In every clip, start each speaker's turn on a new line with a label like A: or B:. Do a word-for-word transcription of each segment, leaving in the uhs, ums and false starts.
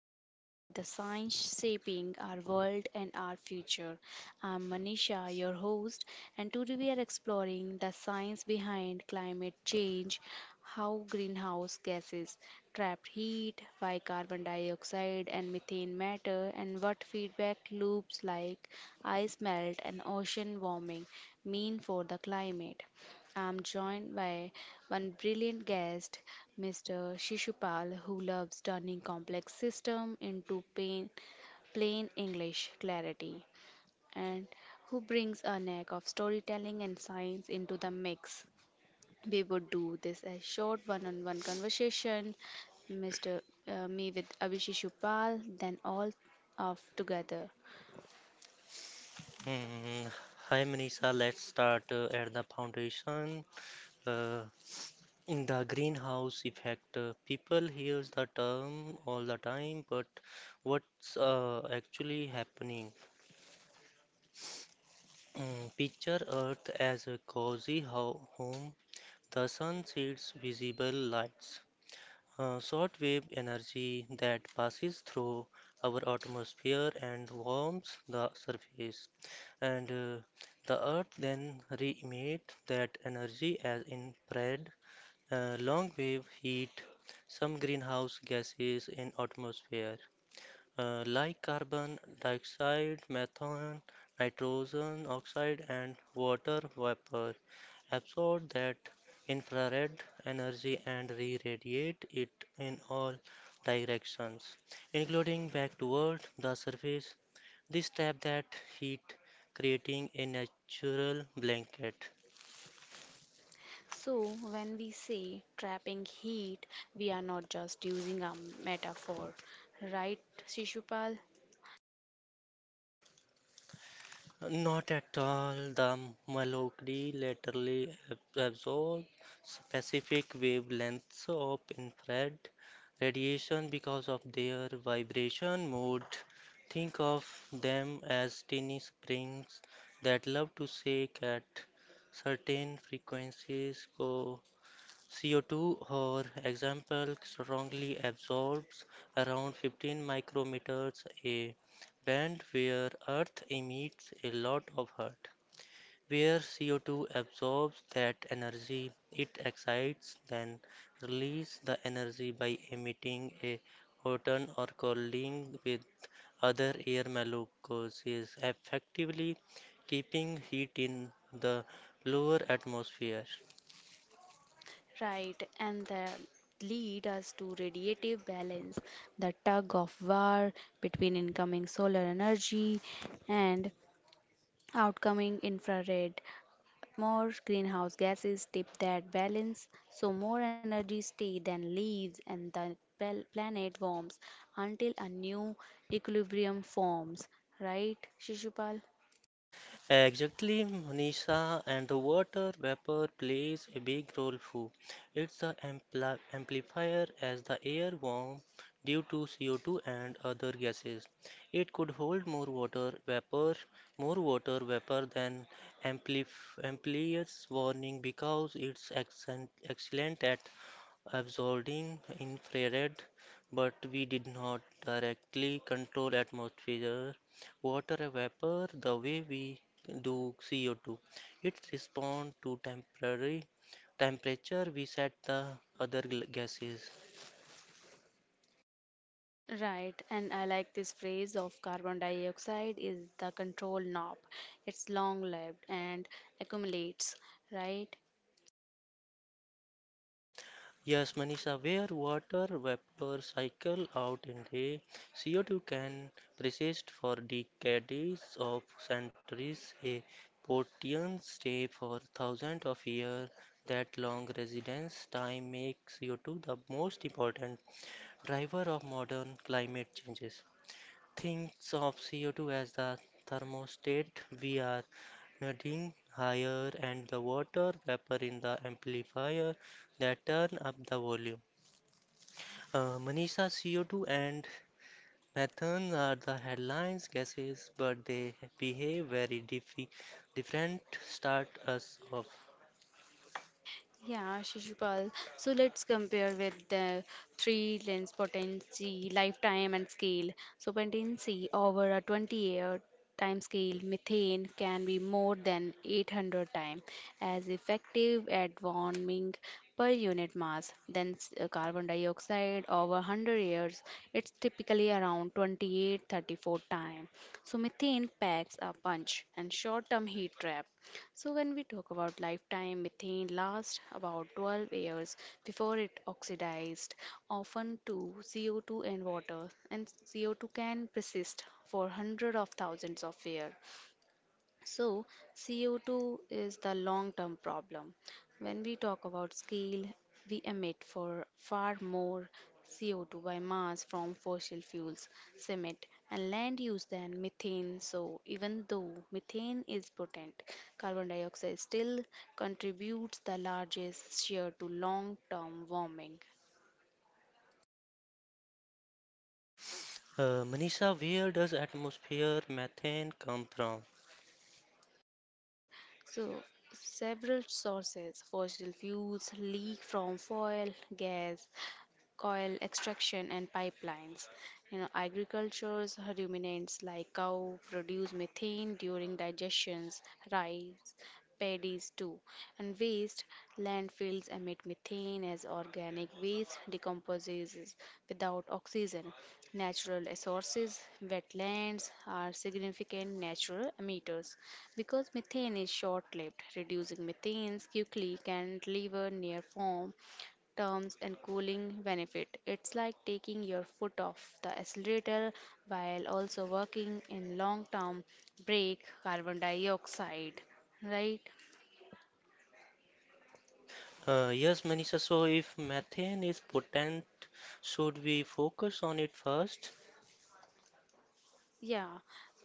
A: we decode the science shaping our world and our future. I'm Manisha, your host, and today we are exploring the science behind climate change, how greenhouse gases trap heat, why carbon dioxide and methane matter, and what feedback loops like ice melt and ocean warming mean for the climate. I'm joined by one brilliant guest, Mister Shishupal, who loves turning complex system into plain, plain English clarity and who brings a knack of storytelling and science into the mix. We would do this as short one-on-one conversation, Mister uh, me with Abhishek Shishupal, then all of together.
B: Mm, Hi Manisha, let's start uh, at the foundation. Uh, in the greenhouse effect, uh, people hears the term all the time, but what's uh, actually happening? Mm, picture Earth as a cozy ho home. The sun sheds visible lights uh, short wave energy that passes through our atmosphere and warms the surface, and uh, the Earth then re emits that energy as infrared, uh, long wave heat, some greenhouse gases in atmosphere uh, like carbon dioxide, methane, nitrogen oxide, and water vapor, absorb that infrared energy and re radiate it in all directions, including back toward the surface. This traps that heat, creating a natural blanket.
A: So, when we say trapping heat, we are not just using a metaphor, right, Shishupal?
B: Not at all. The Malogre laterally ab- absorbs specific wavelengths of infrared radiation because of their vibration mode. Think of them as tiny springs that love to shake at certain frequencies. Co C O two, for example, strongly absorbs around fifteen micrometers a band where Earth emits a lot of hurt. Where C O two absorbs that energy, it excites, then releases the energy by emitting a photon or colliding with other air molecules, effectively keeping heat in the lower atmosphere.
A: Right, and that lead us to radiative balance, the tug of war between incoming solar energy and outgoing infrared. More greenhouse gases tip that balance, so more energy stays than leaves, and the pal- planet warms until a new equilibrium forms. Right, Shishupal?
B: Exactly, Manisha, and the water vapor plays a big role too. It's the ampli amplifier as the air warm due to C O two and other gases. It could hold more water vapor, more water vapor than amplif amplifiers warning because it's excellent, excellent at absorbing infrared, but we did not directly control atmosphere water vapor the way we do C O two. It responds to temporary temperature we set the other gases.
A: Right, and I like this phrase of carbon dioxide is the control knob. It's long lived and accumulates, right?
B: Yes, Manisha, where water vapor cycle out in the C O two can persist for decades of centuries, a protein stay for thousands of years. That long residence time makes C O two the most important driver of modern climate changes. Thinks of C O two as the thermostat. We are nudging higher, and the water vapor in the amplifier that turn up the volume. Uh, Manisha, C O two and methane are the headlines gases, but they behave very diffi- different. Start us off.
A: Yeah, Shishupal. So let's compare with the three lens potency, lifetime, and scale. So potency over a twenty-year time scale, methane can be more than eight hundred times as effective at warming per unit mass than s- uh, carbon dioxide over one hundred years. It's typically around twenty-eight thirty-four time. So methane packs a punch and short-term heat trap. So, when we talk about lifetime, methane lasts about twelve years before it oxidized, often to C O two and water, and C O two can persist for hundreds of thousands of years. So, C O two is the long term problem. When we talk about scale, we emit for far more C O two by mass from fossil fuels, cement, and land use than methane. So, even though methane is potent, carbon dioxide still contributes the largest share to long term warming.
B: Uh, Manisha, where does atmosphere methane come from?
A: So, several sources, fossil fuels leak from oil, gas, coal extraction, and pipelines. You know, agriculture's ruminants like cow produce methane during digestions, rice, paddies too, and waste landfills emit methane as organic waste decomposes without oxygen. Natural resources, wetlands are significant natural emitters because methane is short-lived. Reducing methane quickly can deliver near form terms and cooling benefit. It's like taking your foot off the accelerator while also working in long term break carbon dioxide, right?
B: Uh, yes, Manisha, so if methane is potent, should we focus on it first?
A: Yeah,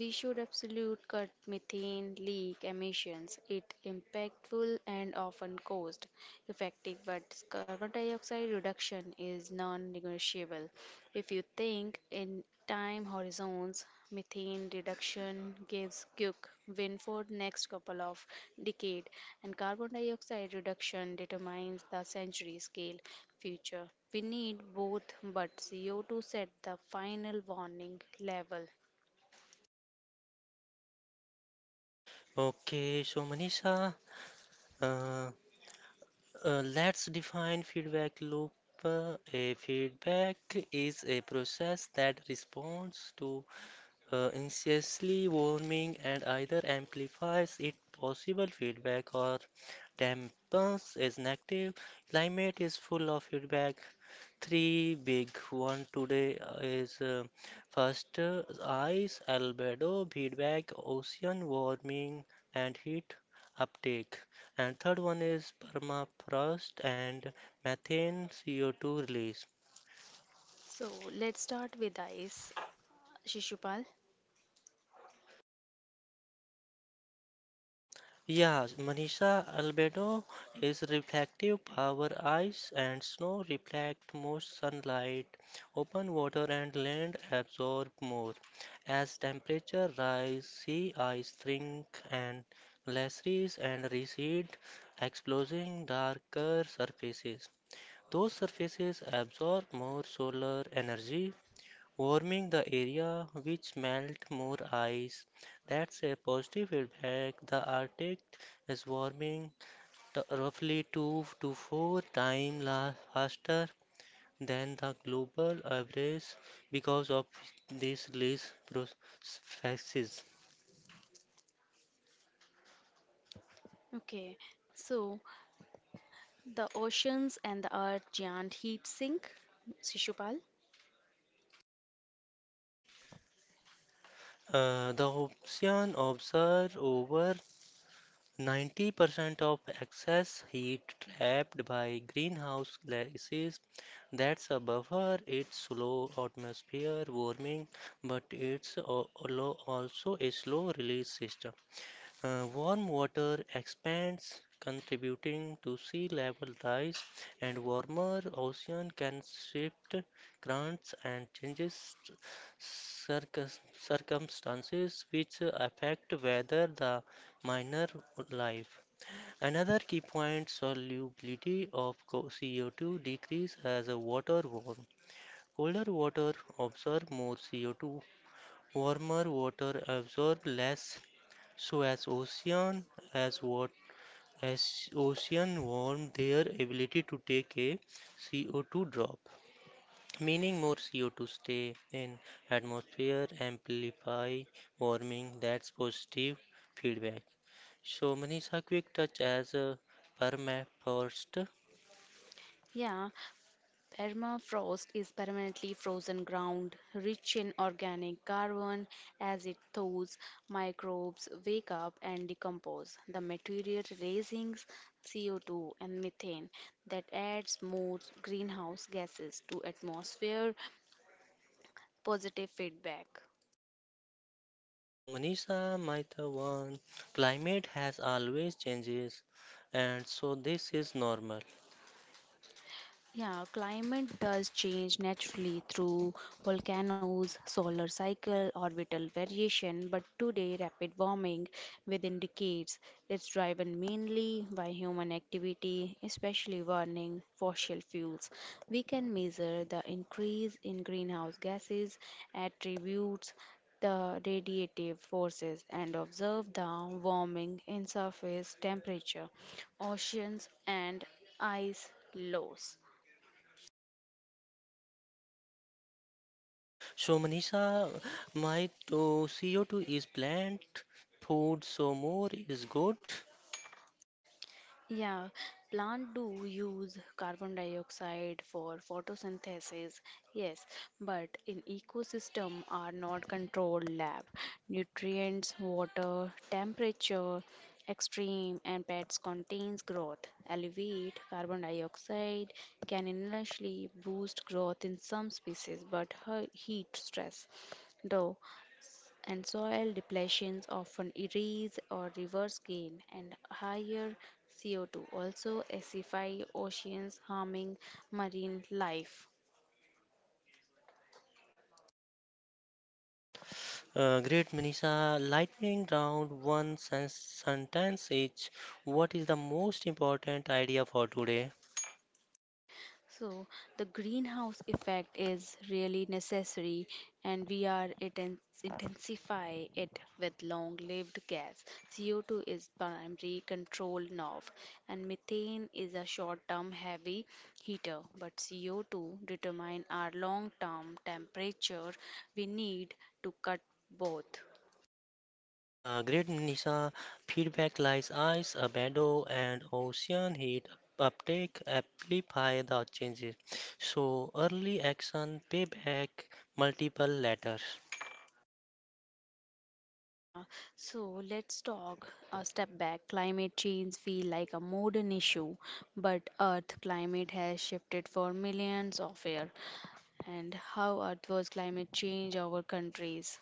A: we should absolute cut methane leak emissions. It impactful and often cost effective, but carbon dioxide reduction is non-negotiable. If you think in time horizons, methane reduction gives quick win for next couple of decade, and carbon dioxide reduction determines the century scale future. We need both, but C O two set the final warning level.
B: Okay, so Manisha, uh, uh, let's define feedback loop. Uh, A feedback is a process that responds to uh, insidiously warming and either amplifies its possible feedback or dampens its negative. Climate is full of feedback. Three big one today uh, is uh, first uh, ice, albedo, feedback, ocean warming, and heat uptake. And third one is permafrost and methane C O two release.
A: So let's start with ice, Shishupal.
B: Yeah, Manisha albedo is reflective. Our ice and snow reflect more sunlight. Open water and land absorb more. As temperature rise, sea ice shrink and glaciers and recede, exposing darker surfaces. Those surfaces absorb more solar energy warming the area which melt more ice. That's a positive feedback. The Arctic is warming t- roughly two to four times la- faster than the global average because of this release processes.
A: Okay, so the oceans and the earth giant heat sink, Shishupal.
B: Uh, the ocean observed over Ninety percent of excess heat trapped by greenhouse gases. That's a buffer. It's slow atmosphere warming, but it's also a slow release system. Uh, warm water expands, contributing to sea level rise, and warmer ocean can shift currents and changes circum- circumstances which affect whether the minor life. Another key point solubility of co- two decrease as water warms. Colder water absorbs more C O two. Warmer water absorbs less, so as ocean as what as ocean warm their ability to take a C O two drop, meaning more C O two stay in atmosphere amplify warming. That's positive feedback. So Manisha, quick touch as a permafrost.
A: Yeah, permafrost is permanently frozen ground, rich in organic carbon. As it thaws, microbes wake up and decompose. The material releases C O two and methane that adds more greenhouse gases to atmosphere. Positive feedback.
B: So Manisha, my the one, climate has always changes, and so this is normal.
A: Yeah, climate does change naturally through volcanoes, solar cycle, orbital variation, but today rapid warming within decades is driven mainly by human activity, especially burning fossil fuels. We can measure the increase in greenhouse gases, attributes the radiative forces and observe the warming in surface temperature, oceans and ice loss.
B: So, Manisha, my to C O two is plant food, so more is good.
A: Yeah, plant do use carbon dioxide for photosynthesis, yes, but in ecosystem are not controlled lab. Nutrients, water, temperature, extreme and pets contains growth. Elevate carbon dioxide can initially boost growth in some species but her heat stress. Though and soil depletions often erase or reverse gain, and higher C O two also acidify oceans, harming marine life.
B: Uh, great, Manisha. Lightning round one sen- sentence each. What is the most important idea for today?
A: So, the greenhouse effect is really necessary, and we are inten- intensify it with long-lived gas. C O two is primary control knob, and methane is a short-term heavy heater. But C O two determine our long-term temperature. We need to cut both.
B: Uh, great, Manisha. Feedback lies ice, a meadow, and ocean heat uptake amplify the changes. So, early action, payback, multiple letters.
A: Yeah, so let's talk a step back. Climate change feel like a modern issue, but Earth climate has shifted for millions of years. And how Earth was climate change our countries.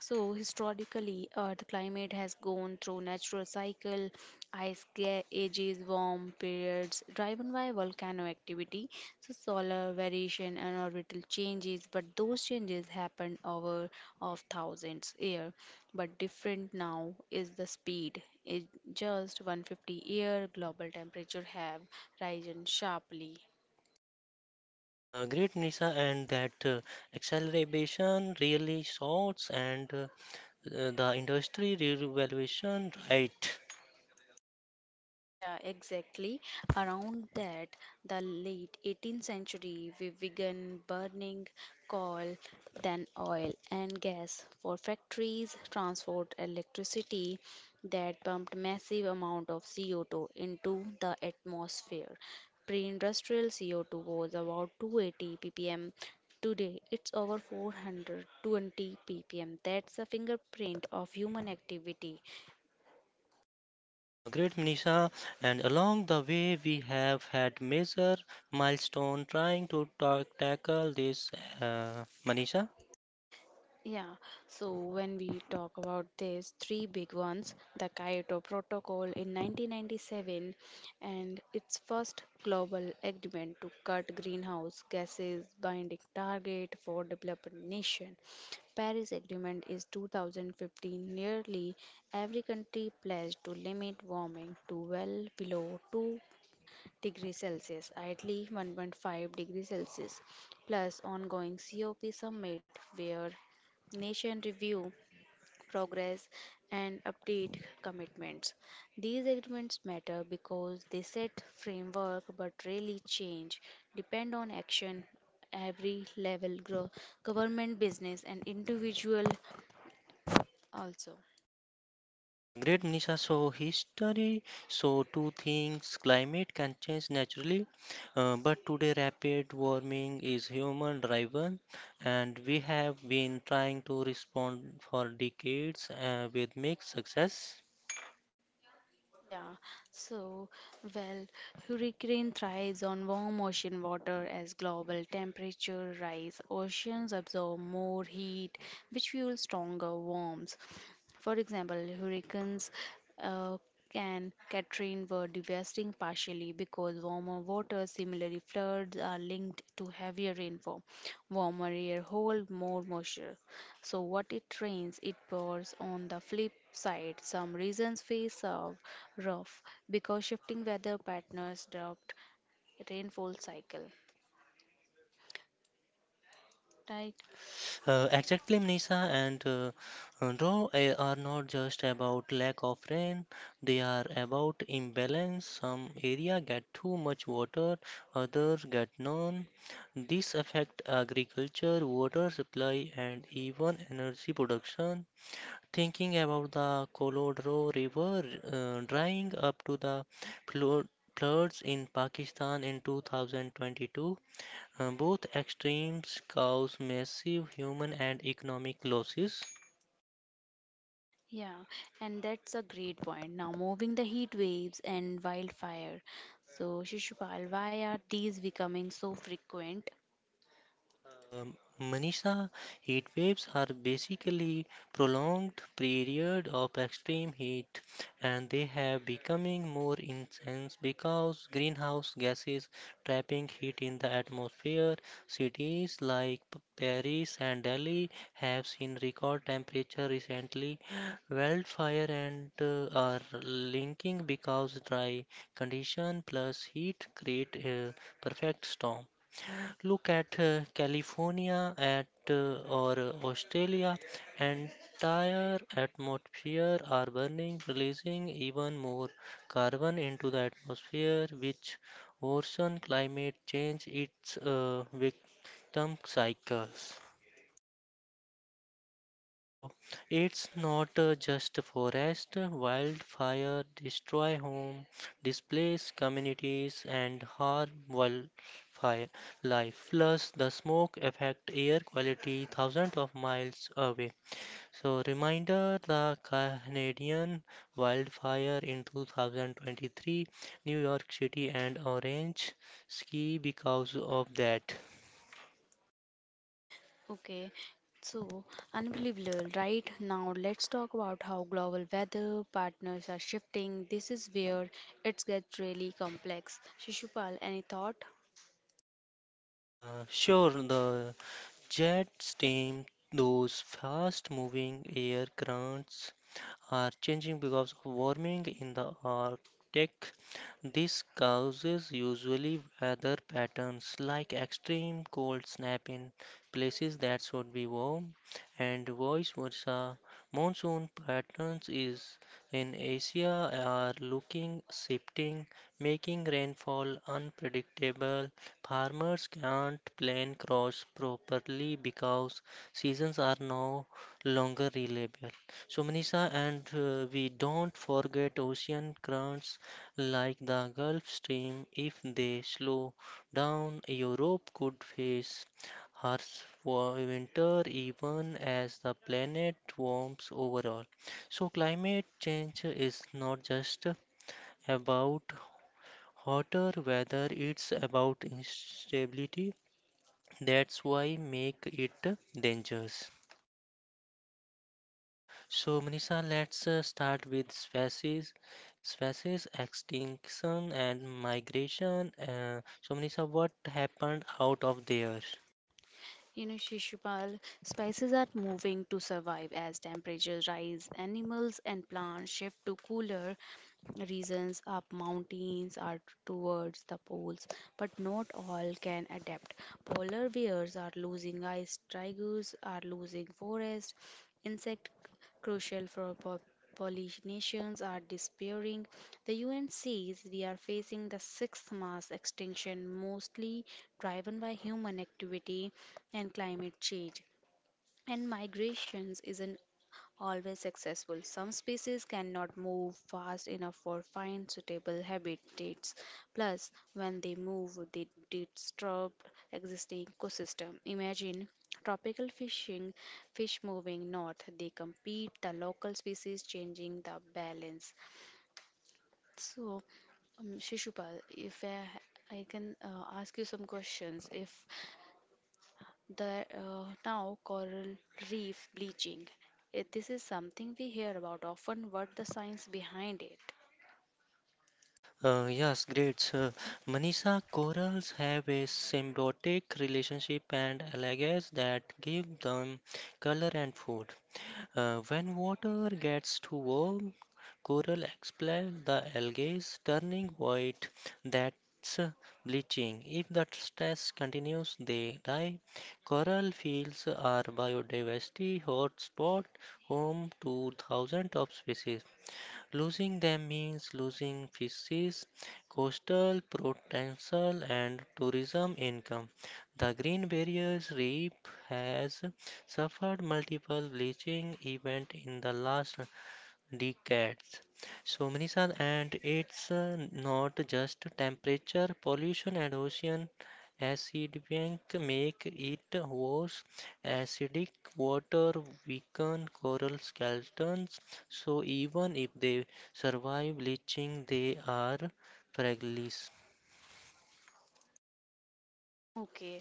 A: So historically, Earth climate has gone through natural cycle, ice ca- ages, warm periods, driven by volcano activity, so solar variation and orbital changes. But those changes happened over of thousands year. But different now is the speed. In just one hundred fifty year, global temperature have risen sharply.
B: Uh, great, Nisha, and that uh, acceleration really sorts and uh, uh, the industry revaluation right.
A: Yeah, exactly. Around that, the late eighteenth century, we began burning coal, then oil and gas for factories, transport, electricity that pumped massive amount of C O two into the atmosphere. Pre-industrial C O two was about two hundred eighty ppm. Today, it's over four hundred twenty ppm. That's the fingerprint of human activity.
B: Uh, great, Nisha, and along the way we have had major milestone trying to ta- tackle this, uh, Manisha.
A: Yeah, so when we talk about these three big ones, the Kyoto Protocol in nineteen ninety-seven and its first global agreement to cut greenhouse gases binding target for developed nation. Paris Agreement is two thousand fifteen, nearly every country pledged to limit warming to well below two degrees Celsius, at least one point five degrees Celsius, plus ongoing COP summit where nation review progress and update commitments. These agreements matter because they set framework but really change depend on action every level gro- government business and individual also.
B: Uh, great Manisha, so history, so two things, climate can change naturally, uh, but today rapid warming is human driven and we have been trying to respond for decades uh, with mixed success.
A: Yeah, so well, hurricane thrives on warm ocean water as global temperature rise. Oceans absorb more heat, which fuels stronger warms. For example, hurricanes uh, can Katrina were devastating partially because warmer water. Similarly, floods are linked to heavier rainfall. Warmer air hold more moisture. So what it trains, it bores on the flip side. Some regions face a rough because shifting weather patterns disrupt rainfall cycle. Right?
B: Uh, exactly, Nisa, and uh, uh, though they are not just about lack of rain, they are about imbalance. Some area get too much water, others get none. This affect agriculture, water supply, and even energy production. Thinking about the Colorado River uh, drying up to the flood floods in Pakistan in two thousand twenty-two uh, both extremes cause massive human and economic losses.
A: Yeah, and that's a great point. Now moving the heat waves and wildfire. So Shishupal, why are these becoming so frequent?
B: Um, Manisha, heat waves are basically prolonged period of extreme heat and they have becoming more intense because greenhouse gases trapping heat in the atmosphere. Cities like P- Paris and Delhi have seen record temperature recently. Wildfire and uh, are linking because dry condition plus heat create a perfect storm. Look at uh, California, at uh, or uh, Australia, entire atmosphere are burning, releasing even more carbon into the atmosphere, which worsen climate change its uh, victim cycles. So it's not uh, just forest, uh, wildfire destroy home, displace communities and harm wildfire life. Plus the smoke affect air quality thousands of miles away. So reminder the Canadian wildfire in two thousand twenty-three, New York City and Orange ski because of that.
A: Okay, so unbelievable, right? Now let's talk about how global weather partners are shifting. This is where it gets really complex. Shishupal, any thought?
B: Uh, sure, the Jet team, those fast-moving air currents, are changing because of warming in the Arctic. This causes usually weather patterns like extreme cold snap in places that should be warm, and vice versa. Monsoon patterns is in Asia are looking shifting, making rainfall unpredictable. Farmers can't plan crops properly because seasons are no longer reliable. So, Manisha, and uh, we don't forget ocean currents like the Gulf Stream. If they slow down, Europe could face harsh wa- winter even as the planet warms overall. So, climate change is not just about hotter weather, it's about instability, that's why make it dangerous. So Manisha, let's uh, start with species species extinction and migration. Uh, so Manisha, what happened out of there?
A: You know, Shishupal, spices are moving to survive as temperatures rise. Animals and plants shift to cooler regions up mountains or towards the poles, but not all can adapt. Polar bears are losing ice, tigers are losing forest, insect crucial for po- Polynesians are disappearing. The U N says we are facing the sixth mass extinction, mostly driven by human activity and climate change. And migrations is an always successful. Some species cannot move fast enough for find suitable habitats. Plus, when they move, they disturb existing ecosystem. Imagine tropical fishing, fish moving north. They compete, the local species changing the balance. So, um, Shishupal, if I, I can uh, ask you some questions, if the uh, now coral reef bleaching. Eh, This is something we hear about often. What the science behind it?
B: Uh, yes, great. Sir. Manisha, corals have a symbiotic relationship and algae that give them color and food. Uh, when water gets too warm, coral expel the algae, turning white. That's uh, bleaching. If the stress continues, they die. Coral fields are biodiversity hotspot, home to thousands of species. Losing them means losing fishes, coastal potential, and tourism income. The Green Barrier Reef has suffered multiple bleaching events in the last the cats. So, Manisan, and it's uh, not just temperature, pollution, and ocean acidic make it worse. Acidic water weaken coral skeletons, so even if they survive bleaching, they are fragile.
A: Okay,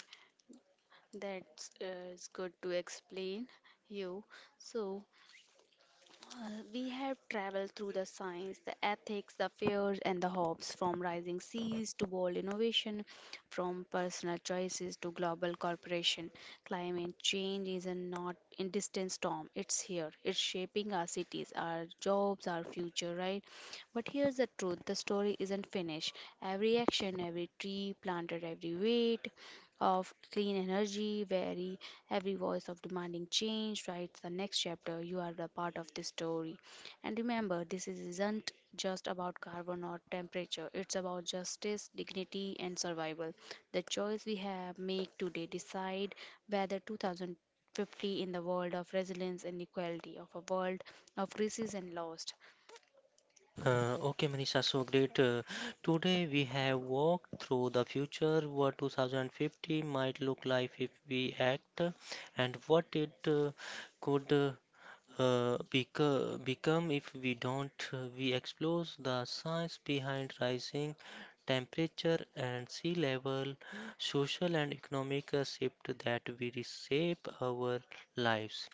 A: that's uh, is good to explain you. So Uh, we have traveled through the science, the ethics, the fears, and the hopes, from rising seas to bold innovation, from personal choices to global corporation. Climate change is a not in distant storm. It's here. It's shaping our cities, our jobs, our future, right? But here's the truth: the story isn't finished. Every action, every tree planted, every weight, of clean energy, where every voice of demanding change writes the next chapter. You are a part of this story. And remember, this is- isn't just about carbon or temperature, it's about justice, dignity, and survival. The choice we have make today decide whether two thousand fifty in the world of resilience and equality, of a world of crisis and lost.
B: Uh, okay, Manisha, so great. Uh, today we have walked through the future, what two thousand fifty might look like if we act, and what it uh, could uh, uh, beco- become if we don't. Uh, We explore the science behind rising temperature and sea level, social and economic uh, shift that we reshape our lives,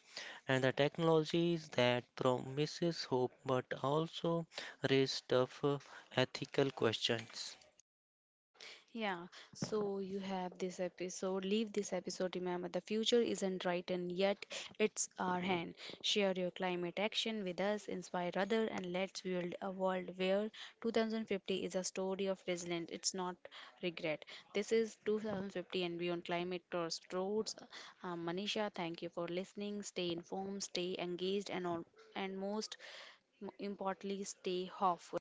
B: and the technologies that promises hope but also raise tough uh, ethical questions.
A: Yeah, so you have this episode. Leave this episode. Remember, the future isn't written yet, it's our hand. Share your climate action with us, inspire others, and let's build a world where two thousand fifty is a story of resilience. It's not regret. This is two thousand fifty and beyond climate towards roads. Uh, Manisha, thank you for listening. Stay informed, stay engaged, and all, and most importantly, stay hopeful.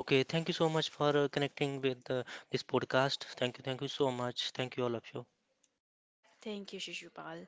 B: Okay, thank you so much for uh, connecting with uh, this podcast. Thank you, thank you so much. Thank you all of you.
A: Thank you, Shishupal.